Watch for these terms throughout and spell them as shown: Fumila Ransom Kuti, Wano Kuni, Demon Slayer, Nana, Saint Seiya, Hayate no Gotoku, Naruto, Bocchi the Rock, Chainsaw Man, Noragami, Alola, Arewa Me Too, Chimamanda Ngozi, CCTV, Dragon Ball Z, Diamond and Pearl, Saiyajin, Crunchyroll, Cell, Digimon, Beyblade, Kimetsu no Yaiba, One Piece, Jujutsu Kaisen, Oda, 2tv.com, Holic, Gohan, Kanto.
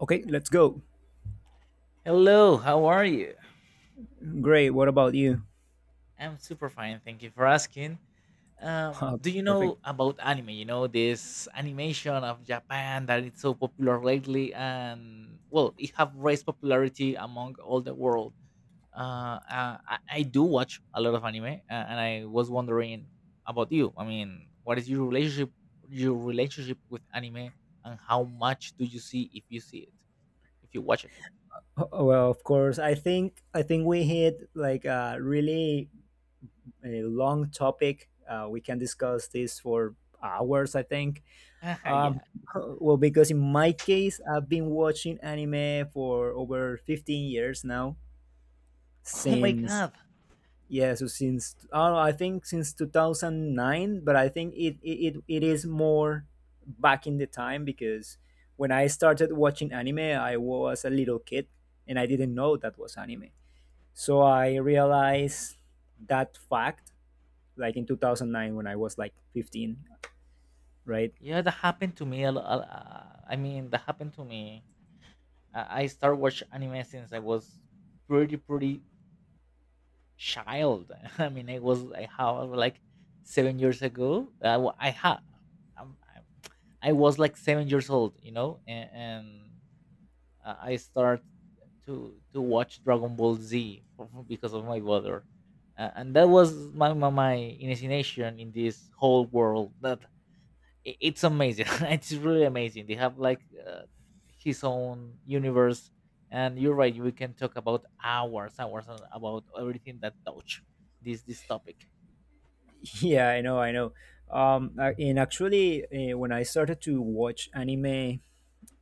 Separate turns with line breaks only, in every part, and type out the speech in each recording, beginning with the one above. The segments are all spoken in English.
Okay, let's go.
Hello, how are you?
Great. What about you?
I'm super fine, thank you for asking. Do you
Perfect.
know about anime? You know this animation of Japan that is so popular lately, and well, it have raised popularity among all the world. I do watch a lot of anime, and I was wondering about you. I mean, what is your relationship with anime, and how much do you see if you see it, if you watch it?
Oh, well, of course, I think we hit like a long topic. We can discuss this for hours, I think. Um,
Yeah.
well, because in my case, I've been watching anime for over 15 years now,
Oh my
since
god.
Yeah, so since oh, I think since 2009, but I think it is more back in the time because when I started watching anime, I was a little kid and I didn't know that was anime. So I realized that fact like in 2009 when I was like 15, right?
Yeah, that happened to me. I mean, that happened to me. I started watch anime since I was pretty, pretty child. I mean, I was like how like 7 years ago. I had, I'm, I'm, I was like 7 years old, you know, and I start to watch Dragon Ball Z because of my brother, and that was my initiation in this whole world. It's amazing it's really amazing they have like his own universe. And you're right, we can talk about hours, about everything that touch this topic.
Yeah, I know, I know. And actually, when I started to watch anime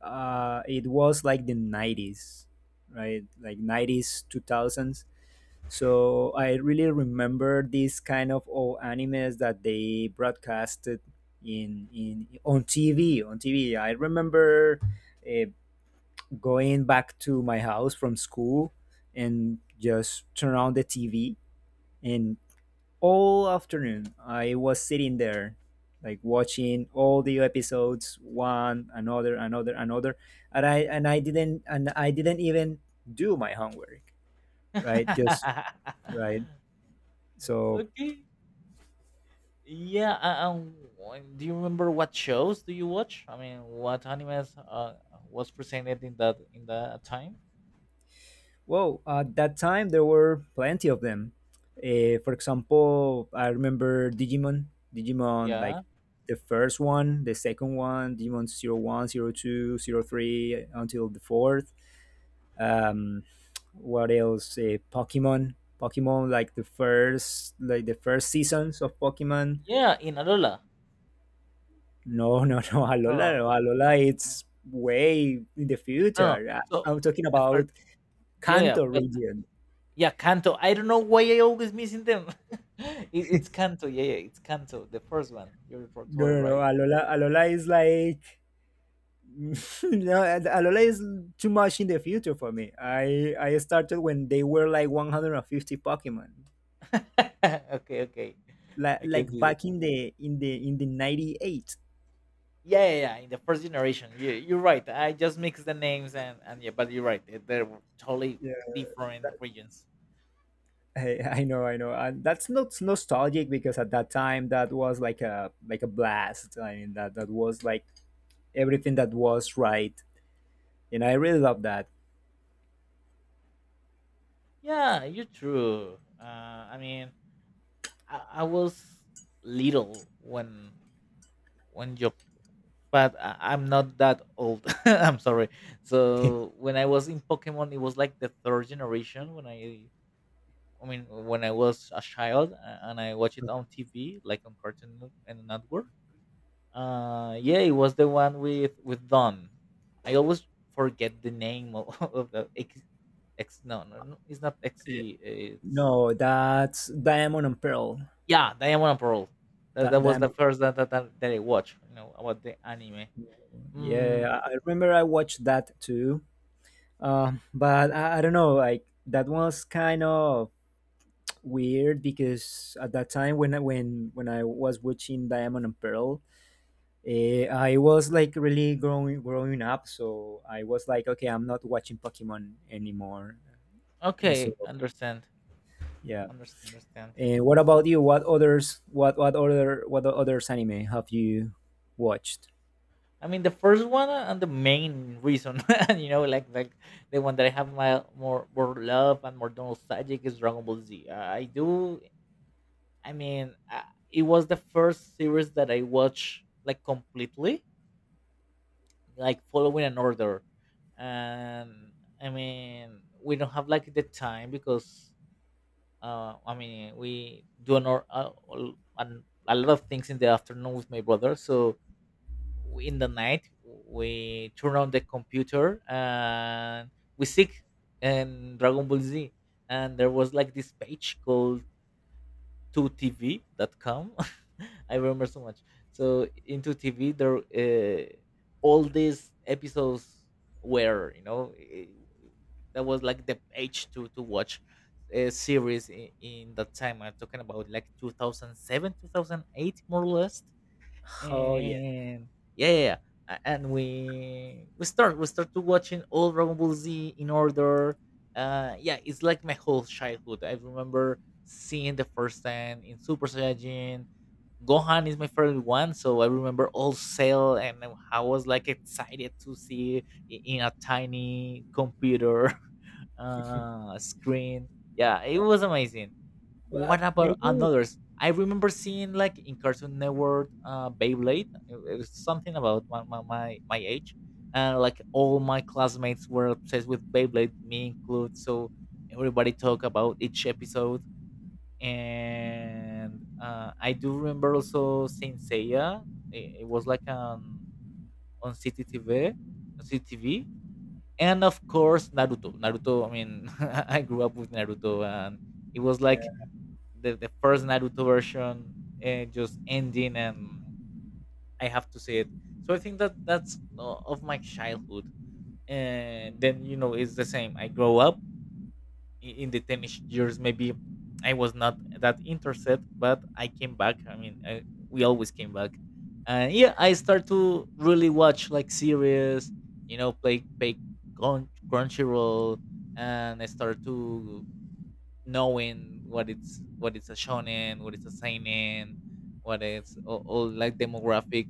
it was like the 90s, right? Like 90s, 2000s. So I really remember these kind of old animes that they broadcasted in on TV. On TV, I remember uh, going back to my house from school and just turn on the TV, and all afternoon I was sitting there like watching all the episodes one another, another, and I didn't even do my homework, right? Just right. So
Okay, yeah. Do you remember what shows do you watch? I mean, what animes was presented in that time?
well at that time there were plenty of them. For example, I remember digimon
Yeah,
like the first one, the second one, Digimon 01, 02, 03, until the fourth. um what else? Pokemon like the first seasons of Pokemon.
yeah, in alola.
No, no, no, Alola. No, Alola, it's way in the
No,
future.
no.
I'm talking about
Yeah,
Kanto
yeah.
region.
Yeah, Kanto. I don't know why I always missing them. It's Kanto. Yeah, yeah, it's Kanto, the first one. You're
No,
totally
no, no,
right.
Alola. Alola is like no, Alola is too much in the future for me. I started when they were like 150 Pokemon,
Okay, okay. Like,
back in the 98.
yeah, yeah, yeah. In the first generation, yeah, you're right. I just mixed the names and yeah, but you're right. They're totally different regions.
I know, I know. And that's not nostalgic because at that time that was like a blast. I mean that was like everything that was right, and I really love that.
Yeah, you're true. I mean, I was little when but I'm not that old. I'm sorry. So when I was in Pokemon, it was like the third generation. I mean, when I was a child and I watched it on TV, like on Cartoon Net- and Network. Yeah, it was the one with Dawn. I always forget the name of, of the X. No, no, no, it's not
Yeah.
XD. It's
No, that's Diamond and Pearl.
yeah, Diamond and Pearl. That was the
Diamond.
first that I watched. You know about the anime. Mm,
Yeah, I remember I watched that too. But I don't know, like that was kind of weird because at that time when I was watching Diamond and Pearl, I was like really growing up, so I was like, okay, I'm not watching Pokemon anymore. So
okay, understand.
yeah.
Understand, understand.
And what about you? What others? What others anime have you watched?
I mean, the first one and the main reason, like the one that I have my more love and more nostalgic is Dragon Ball Z. I do. I mean, it was the first series that I watched like completely, like following an order. And I mean, we don't have like the time because I mean, we do a, a lot of things in the afternoon with my brother, so in the night we turn on the computer and we seek and Dragon Ball Z, and there was like this page called 2tv.com. I remember so much. So in 2 TV there all these episodes were, that was like the page to watch a series in that time. I'm talking about like 2007 2008, more or less.
Oh yeah,
And yeah, yeah, yeah. And we start to watching all Dragon Ball Z in order. Yeah, it's like my whole childhood. I remember seeing the first time in Super Saiyajin. Gohan is my favorite one, so I remember all Cell, and I was like excited to see in a tiny computer screen. Yeah, it
no,
was amazing. What
but
about
maybe
another's? I remember seeing like in Cartoon Network, Beyblade. It was something about my age, and like all my classmates were obsessed with Beyblade, me included. So everybody talk about each episode, and I do remember also Saint Seiya. It was like on CCTV, on CCTV, and of course Naruto. Naruto. I mean, I grew up with Naruto, and it was
yeah.
like the first Naruto version just ending, and I have to see it. So I think that that's of my childhood. And then, it's the same. I grow up in the teenage years. Maybe I was not that interested, but I came back. I mean, we always came back. And yeah, I start to really watch like series, play, Crunchyroll. And I start to knowing what it's a shonen, what it's a seinen, what it's all like demographic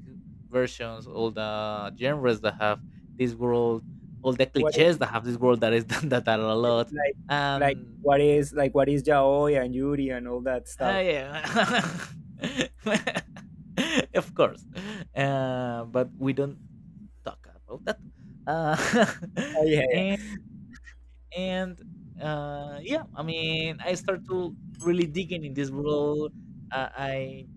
versions, all the genres that have this world, all the
What is
cliches that have this world that is done, that are a lot.
like like
Um,
what is like What is yaoi and Yuri and all that stuff?
yeah, of course. But we don't talk about that. Uh,
Oh yeah,
and and yeah, I mean, I start to really digging in this world. I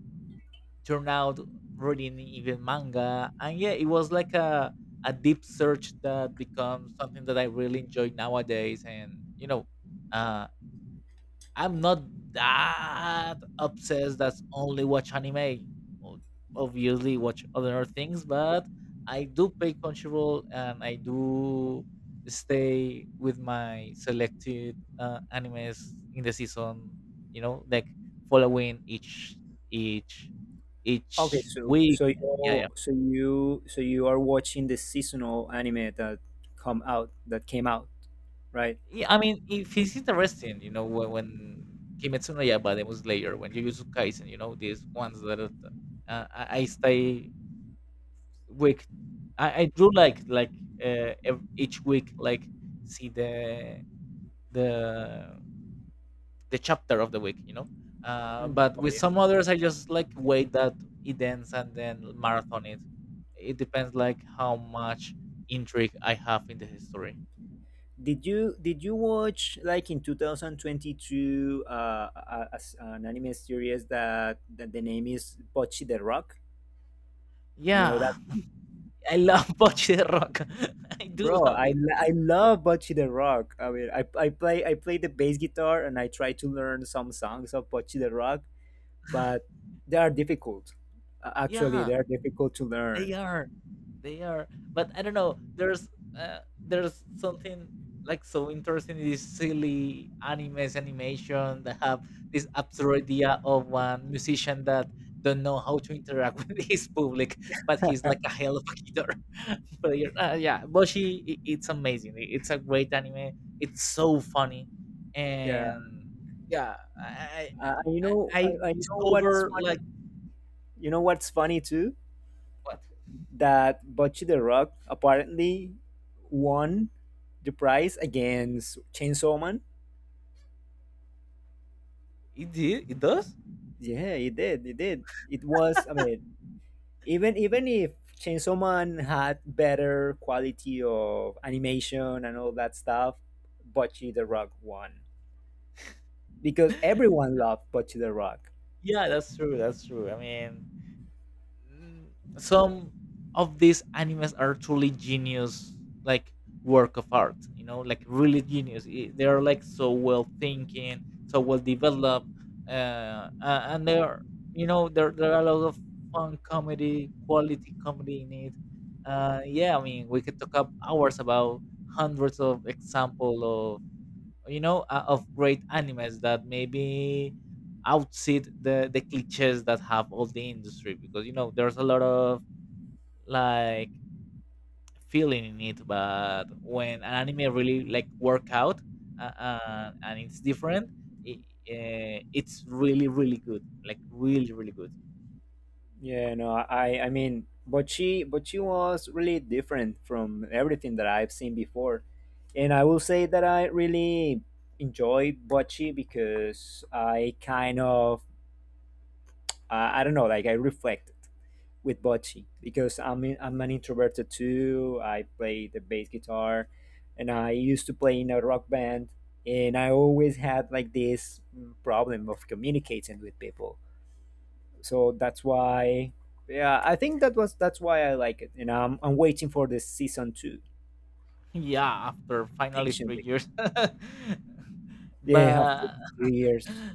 turned out reading even manga, and yeah, it was like a deep search that becomes something that I really enjoy nowadays. And uh I'm not that obsessed that's only watch anime. O- Obviously, watch other things, but I do pay control and I do stay with my selected animes in the season. You know, like following each
okay,
each
so
week.
so
Yeah, yeah.
you so you so you are watching the seasonal anime that come out that came out, right?
Yeah, I mean, if it's interesting, you know, when, Kimetsu no Yaiba, Demon Slayer, when Jujutsu Kaisen, these ones that I stay week. I do like, ev each week, like, see the the chapter of the week, you know?
Mm.
But
Oh,
with
yeah.
some others, I just, like, wait that it ends and then marathon it. It depends, like, how much intrigue I have in the history.
Did you watch like in 2022 an anime series that the name is Bocchi the Rock? Do you know that,
Yeah, I love Bocce de Rock. I do
bro.
love
I,
it.
l- I love Bocchi the Rock. I mean, I play the bass guitar and I try to learn some songs of Bocchi the Rock, but they are difficult. Actually,
Yeah.
they are difficult to
They
learn.
are, they are. But I don't know. Uh, there's something like so interesting in these silly animes animation that have this absurd idea of one musician that don't know how to interact with his public, but he's like a hell of a guitar player. Yeah, Boshi, I it's amazing. It's a great anime. It's so funny,
Yeah,
and yeah, I I, I
you know what's
discover
funny?
like
You know what's funny too?
what.
That Bocce the Rock apparently won the prize against Chainsaw Man.
It did. It does.
Yeah, it did. It did. It was. I mean, even if Chainsaw Man had better quality of animation and all that stuff, Bocce the Rock won because everyone loved Bocce the Rock.
Yeah, that's true. That's true. I mean, mm, some of these animes are truly genius, like work of art. You know, like really genius. They are like so well thinking, so well developed, and they are, there are a lot of fun comedy, quality comedy in it. Yeah, I mean, we could talk up hours about hundreds of example, of great animes that maybe outsit the cliches that have all the industry, because there's a lot of like feeling in it. But when an anime really like work out, uh, and it's different, it, it's really really good, like really really good.
Yeah, no, I mean, but she was really different from everything that I've seen before. And I will say that I really enjoy Bocce because I don't know, like I reflected with Bocce because I'm an introverted too. I play the bass guitar and I used to play in a rock band, and I always had like this problem of communicating with people. So that's why, yeah, I think that's why I like it. And I'm waiting for this season two
Yeah, after finally three
patiently.
years
Yeah, after
But
3 years.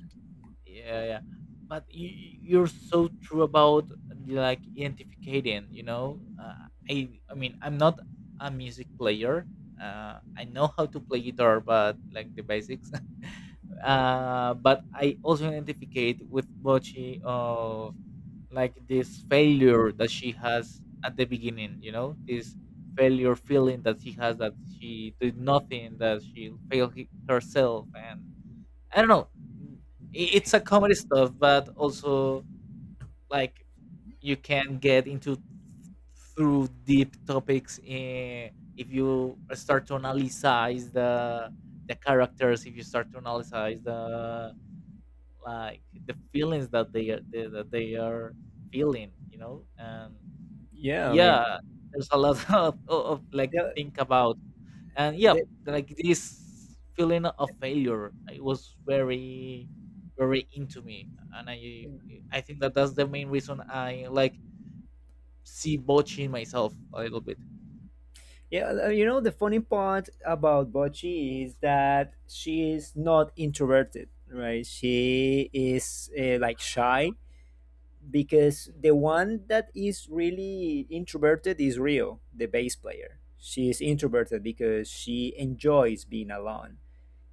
yeah, yeah, but are so true about like identifying, you know, I mean, I'm not a music player. I know how to play guitar but like the basics. But I also identificate with bochi of like this failure that she has at the beginning, this failure feeling that she has, that she did nothing, that she failed herself. And I don't know. mm, It's a comedy stuff, but also like you can get into through deep topics, if you start to analyze the characters. If you start to analyze the, like, the feelings that they are, that they are feeling. And
Yeah, I mean
yeah, there's a lot of, of, like,
the,
think about. And yeah,
the,
like this feeling of failure, it was very, very into me, and I think that that's the main reason I like see botching myself a little bit.
yeah. You know the funny part about Bochi is that she is not introverted, right? She is like shy because the one that is really introverted is Rio, the bass player. She is introverted because she enjoys being alone.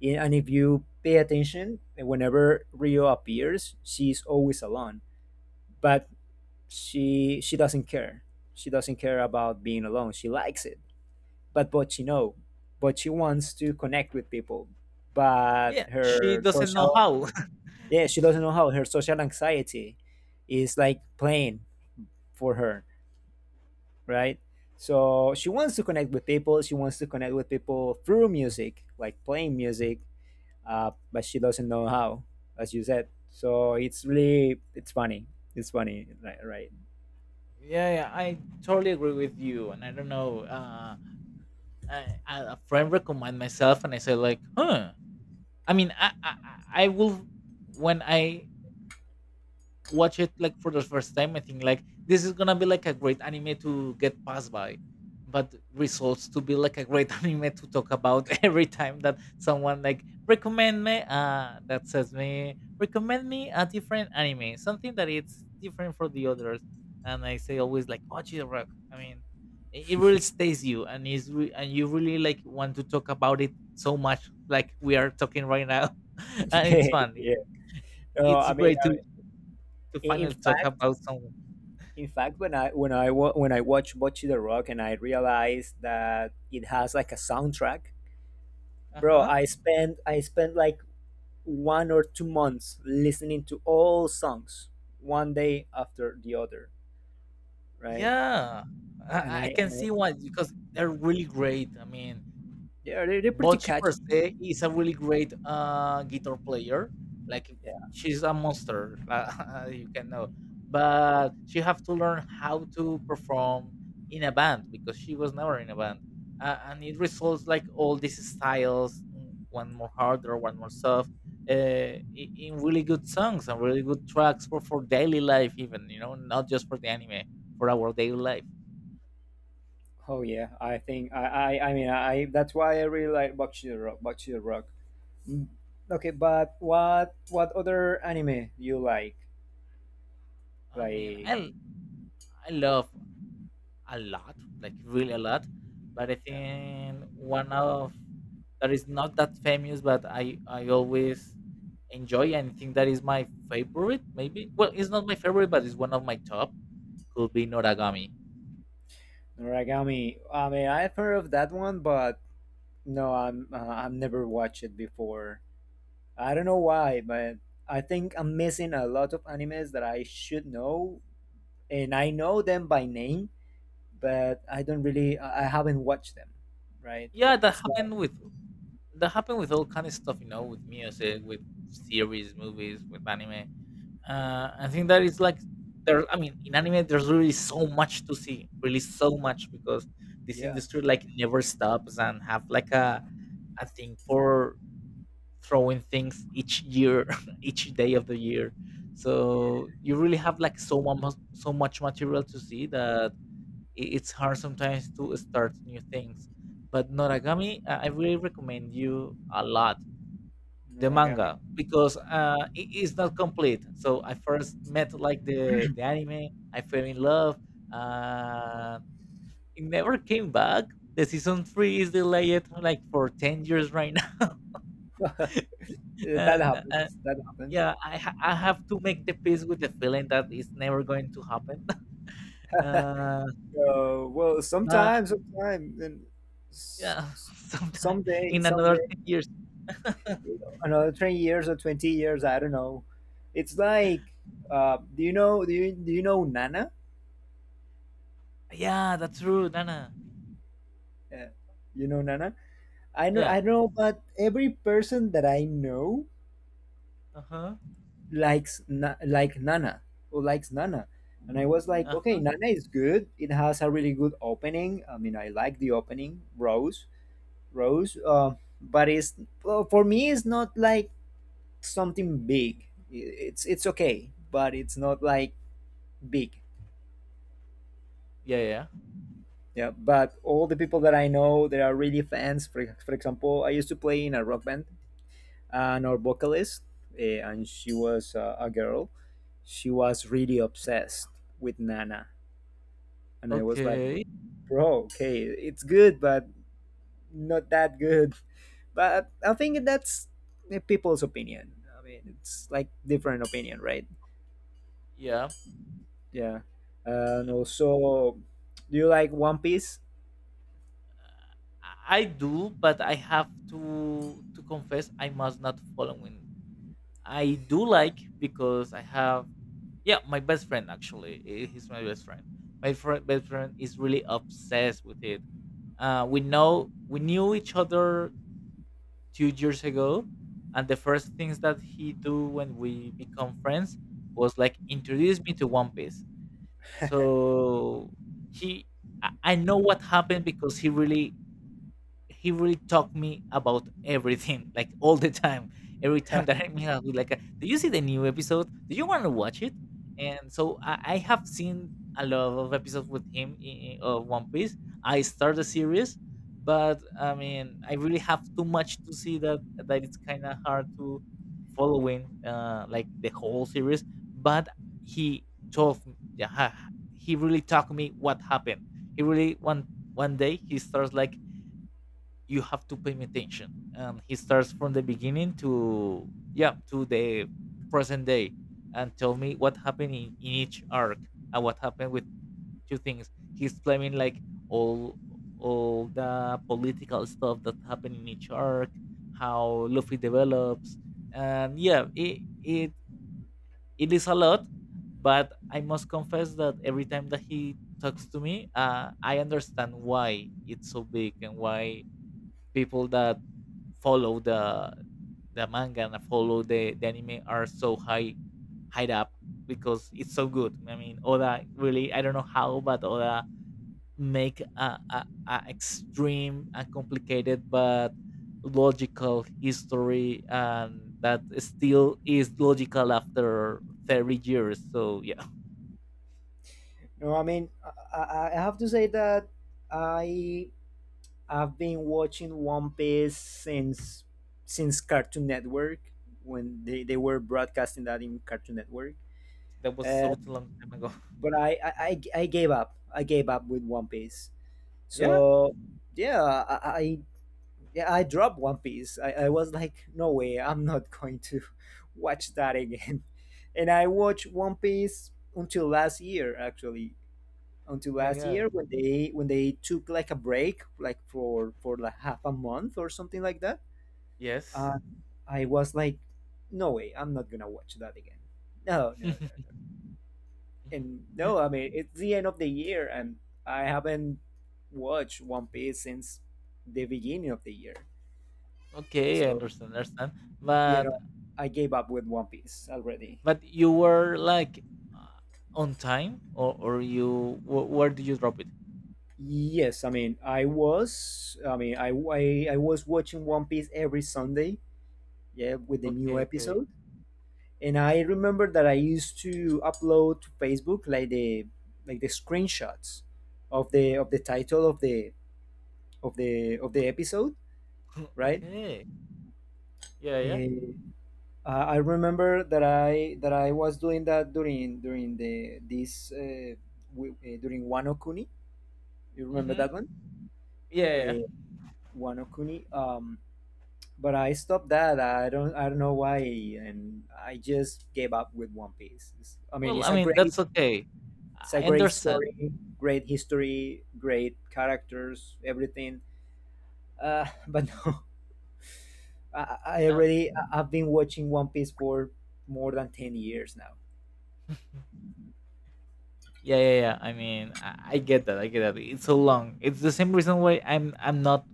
And if you pay attention, whenever Rio appears, she's always alone. But she doesn't care. She doesn't care about being alone. She likes it. But she know. But she wants to connect with people. But
She
her
doesn't know
social
how.
Yeah, she doesn't know how. Her social anxiety is like playing for her, right? So she wants to connect with people. She wants to connect with people through music, like playing music, but she doesn't know how, as you said. So it's funny. It's funny, right? Right.
Yeah, yeah, I totally agree with you, and I don't know. I, a friend recommend myself, and I said like, huh. I mean, I will when I watch it like for the first time. I think like this is gonna be like a great anime to get passed by, but results to be like a great anime to talk about every time that someone like recommend me, that says me recommend me a different anime, something that it's different for the others. And I say always like watch it rock. I mean, it really stays you, and is and you really like want to talk about it so much, like we are talking right now. And it's fun.
yeah. No,
It's
I mean,
great to
i- in
finally talk
fact,
about someone.
in fact, when I watched Bocce the Rock and I realized that it has like a soundtrack,
Uh
bro.
huh.
I spent like 1 or 2 months listening to all songs, one day after the other, right?
Yeah, I can
And I
see why, because they're really great. I mean,
they're pretty
Bocchi per
catchy.
se is a really great guitar player. Like
Yeah.
she's a monster, you can know. But she have to learn how to perform in a band because she was never in a band, and it results like all these styles, one more harder, one more soft, in really good songs and really good tracks for daily life, even not just for the anime, for our daily life.
Oh yeah. I think I mean, I that's why I really like Bakshi the Rock. Bakshi the Rock. Mm. Okay, but what other anime you like?
I mean,
Like
I love a lot, like really a lot. But I
yeah.
think one of that is not that famous, but I always enjoy and think that is my favorite. Maybe well, it's not my favorite, but it's one of my top. Could be Noragami.
Noragami. I mean, I've heard of that one, but no, I've never watched it before. I don't know why, but I think I'm missing a lot of animes that I should know, and I know them by name, but I don't really I haven't watched them, right?
Yeah, that
It's like
happened with that happened with all kind of stuff, you know, with music, with series, movies, with anime. I think that is like there. I mean, in anime, there's really so much to see, really so much because this
yeah,
industry like never stops and have like a thing for throwing things each year, each day of the year.
yeah,
So you really have like so much material to see that it's hard sometimes to start new things. But Noragami, I really recommend you a lot. The
Noragami.
manga, because, it is not complete. So I first met like the anime, I fell in love, uh, it never came back. The season 3 is delayed like for 10 years right now.
that
And and
happens. That happens.
yeah, I have to make the peace with the feeling that it's never going to happen. Uh,
Well,
but
sometimes, and s-
yeah,
s-
sometime in another
someday,
10 years.
another 20 years or 20 years, I don't know. It's like, do you know? Do you know Nana?
Yeah, that's true, Nana.
Uh, you know Nana? I know.
Yeah.
I know, but every person that I know
Uh-huh.
like Nana who likes Nana. And I was like, okay, Nana is good. It has a really good opening. I mean, I like the opening, Rose, Rose. Uh, but it's well, for me, it's not like something big. It's okay, but it's not like big.
Yeah, yeah, yeah.
Yeah. But all the people that I know that are really fans. For example, I used to play in a rock band, and our vocalist, and she was a girl. She was really obsessed with Nana. And I was like,
Okay.
bro, okay, it's good, but not that good. But I think that's the people's opinion. I mean, it's like different opinion, right?
Yeah.
Yeah. And also, do you like One Piece?
I do, but I have to confess I must not following. I do like because I have yeah, my best friend actually. He's my best friend. Best friend is really obsessed with it. We knew each other 2 years ago, and the first things that he do when we become friends was like introduce me to One Piece. So he, I know what happened because he really talked me about everything, like all the time. Every time that I meet up with like, a, do you see the new episode? Do you want to watch it? And so I have seen a lot of episodes with him of One Piece. I start the series, but I mean, I really have too much to see that that it's kind of hard to following like the whole series. But he told, m- yeah, ha- he really talked me what happened. He really one day he starts like you have to pay him attention and he starts from the beginning to yeah to the present day and tell me what happened in each arc and what happened with two things he's blaming like all all the political stuff that happened in each arc, how Luffy develops. And yeah, it is a lot, but I must confess that every time that he talks to me, I understand why it's so big and why people that follow the manga and follow the anime are so high high up because it's so good. I mean, Oda really I don't know how, but Oda make a extreme and complicated but logical history and that still is logical after 30 years. So yeah,
no, I mean, I have to say that I I've been watching One Piece since Cartoon Network when they were broadcasting that in Cartoon Network.
that was
Uh,
so long time ago.
but I gave up. I gave up with One Piece.
Yeah.
So yeah, I yeah I dropped One Piece. I was like, no way, I'm not going to watch that again. And I watched One Piece until last year, actually. Until
My
last
God.
year, when they took like a break, like for like half a month or something like that,
Yes.
uh, I was like, no way, I'm not gonna watch that again. No, no, no,
Mhm.
and no, I mean it's the end of the year, and I haven't watched One Piece since the beginning of the year.
Okay, I
So
understand, understand.
you
But
know, I gave up with One Piece already.
You were like uh, on time, or you where do you drop it?
Yes, I mean I was, I mean I was watching One Piece every Sunday, yeah, with the new episode. And I remember that I used to upload to Facebook like the screenshots of the title of the episode, right?
Okay. Yeah, yeah.
I remember that I was doing that during during the this w- during Wano Kuni. You remember
Mm-hmm.
that one,
Yeah, yeah.
uh, Wano Kuni. But I stopped that. I don't know why, and I just gave up with One Piece. I mean,
Well, I
it's
mean that's okay.
a
I
great
understand.
story, great history, great characters, everything. But no, I
Um,
already I've been watching One Piece for more than 10 years now.
yeah, yeah, yeah. I mean, I get that. I get that. It's so long. It's the same reason why I'm not.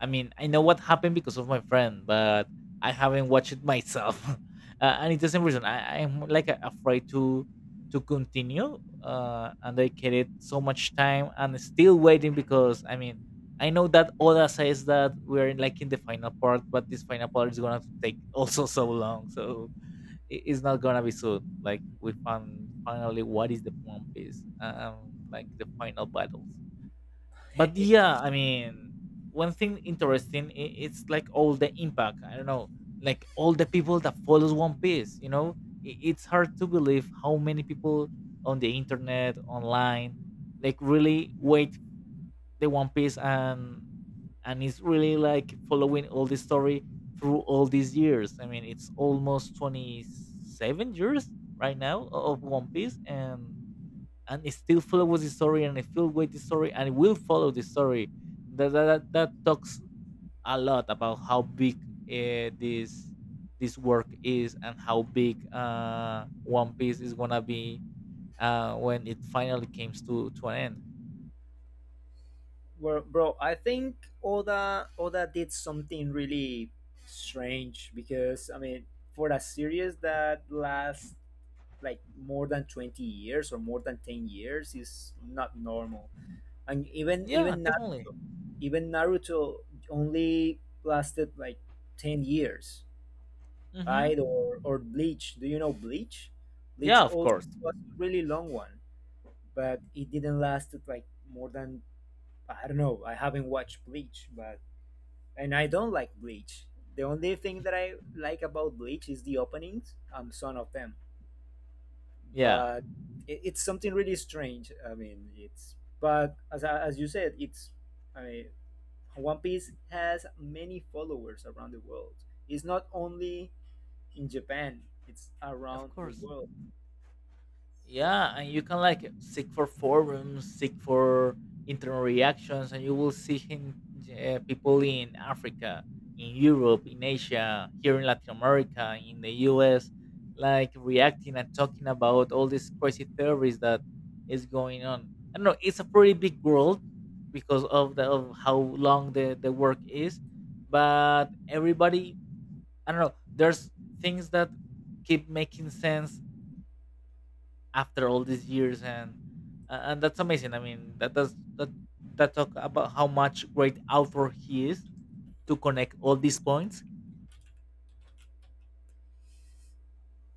I mean, I know what happened because of my friend, but I haven't watched it myself, and it's the same reason. I'm like afraid to continue and they created so much time and still waiting because I mean I know that Oda says that we're like in the final part, but this final part is gonna take also so long. So it's not gonna be soon, like we found finally what is the One Piece, like the final battles. But yeah, I mean, one thing interesting, it's like all the impact, I don't know, like all the people that follows One Piece, you know, it's hard to believe how many people on the internet online like really wait the One Piece, and is really like following all the story through all these years. I mean, it's almost 27 years right now of One Piece, and it still follows the story and it still with the story and it will follow the story. That talks a lot about how big uh, this this work is and how big One Piece is gonna be when it finally comes to an end.
Well, bro, I think Oda did something really strange because I mean, for a series that lasts like more than 20 years or more than 10 years is not normal. And even
Yeah,
even
definitely.
Naruto, even Naruto only lasted like 10 years,
Hmm.
right? Or Bleach. Do you know Bleach?
Yeah,
Bleach
of
also
course.
was a really long one, but it didn't last like more than I don't know. I haven't watched Bleach, but and I don't like Bleach. The only thing that I like about Bleach is the openings. I'm son of them,
Yeah,
but it's something really strange. I mean, it's but as you said, it's I mean, One Piece has many followers around the world. It's not only in Japan; it's
of
around the
course.
world.
Yeah, and you can like seek for forums, seek for internal reactions, and you will see him, people in Africa, in Europe, in Asia, here in Latin America, in the US, like reacting and talking about all these crazy theories that is going on. I don't know, it's a pretty big world because of the of how long the work is, but everybody, I don't know, there's things that keep making sense after all these years. And and that's amazing. I mean, that that talk about how much great author he is to connect all these points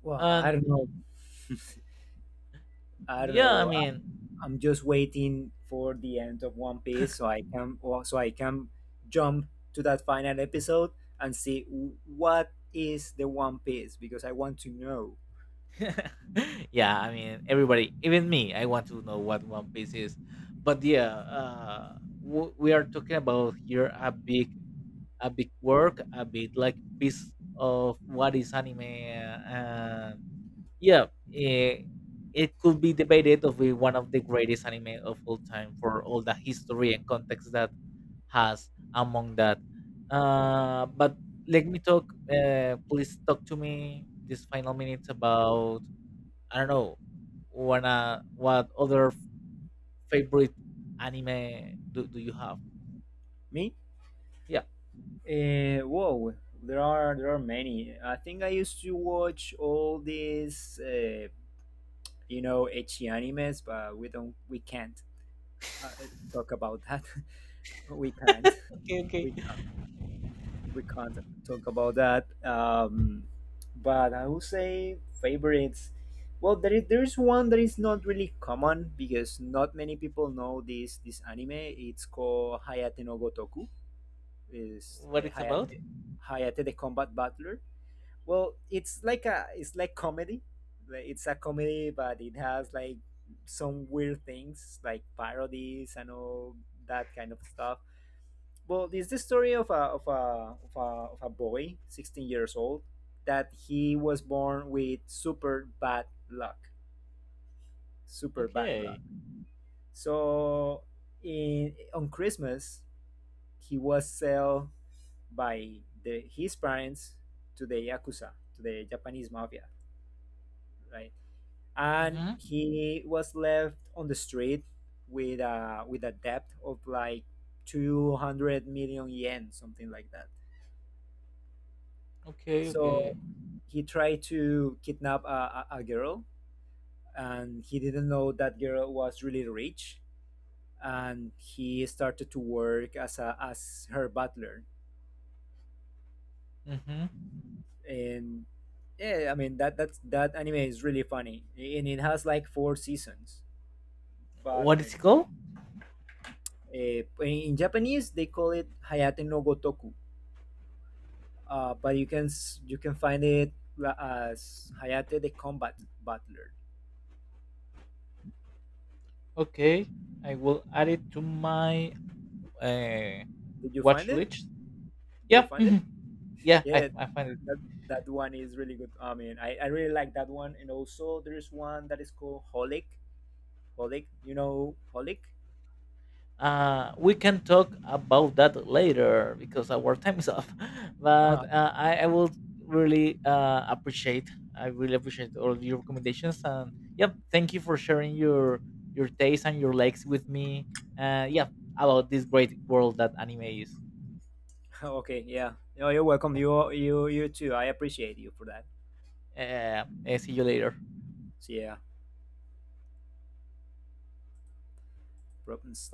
Well, I
and
don't know. I don't
yeah I
know.
mean
I'm just waiting for the end of One Piece so I can or so I can jump to that final episode and see what is the One Piece because I want to know.
yeah I mean everybody, even me, I want to know what One Piece is. But yeah, we are talking about here a big work, a bit like piece of what is anime. uh, Yeah, eh, it could be debated of be one of the greatest anime of all time for all the history and context that has among that. But let me talk. Please talk to me this final minutes about I don't know Wanna what other favorite anime do you have?
Me?
Yeah.
Whoa, there are many. I think I used to watch all these ecchi animes, but we can't uh, talk about that. we can't
Okay. Okay.
we we can't talk about that. But I would say favorites. Well, there's one that is not really common because not many people know this anime. It's called Hayate no Gotoku. Is
What it's
Hayate
about?
Hayate the Combat Butler. Well, it's like a it's like comedy. Like, it's a comedy, but it has like some weird things like parodies and all that kind of stuff. Well, it's the story of a boy, 16 years old, that he was born with super bad luck, super bad luck.
Okay.
So, in on Christmas, he was sold by the his parents to the yakuza, to the Japanese mafia, right? And he was left on the street with a debt of like 200 million yen, something like that.
Okay, okay.
So he tried to kidnap a girl, and he didn't know that girl was really rich. And he started to work as a as her butler.
Mm-hmm.
And yeah, I mean that's that anime is really funny, and it has like 4 seasons. But I
What is it called?
mean, in Japanese they call it Hayate no Gotoku, but you can you can find it as Hayate the Combat Butler.
Okay, I will add it to my uh,
Did you
watch
find it?
list.
Did you
Yeah,
find it?
mhm, yeah,
Yeah,
I find it.
that that one is really good. I mean, I really like that one. And also, there is one that is called Holic. Holic, you know Holic?
We can talk about that later because our time is up. But
Uh-huh.
I will really appreciate. I really appreciate all of your recommendations and yeah, thank you for sharing your taste and your likes with me. Yeah, about this great world that anime is.
Okay, yeah. No, you're welcome. You too. I appreciate you for that.
See you later.
So yeah, problems.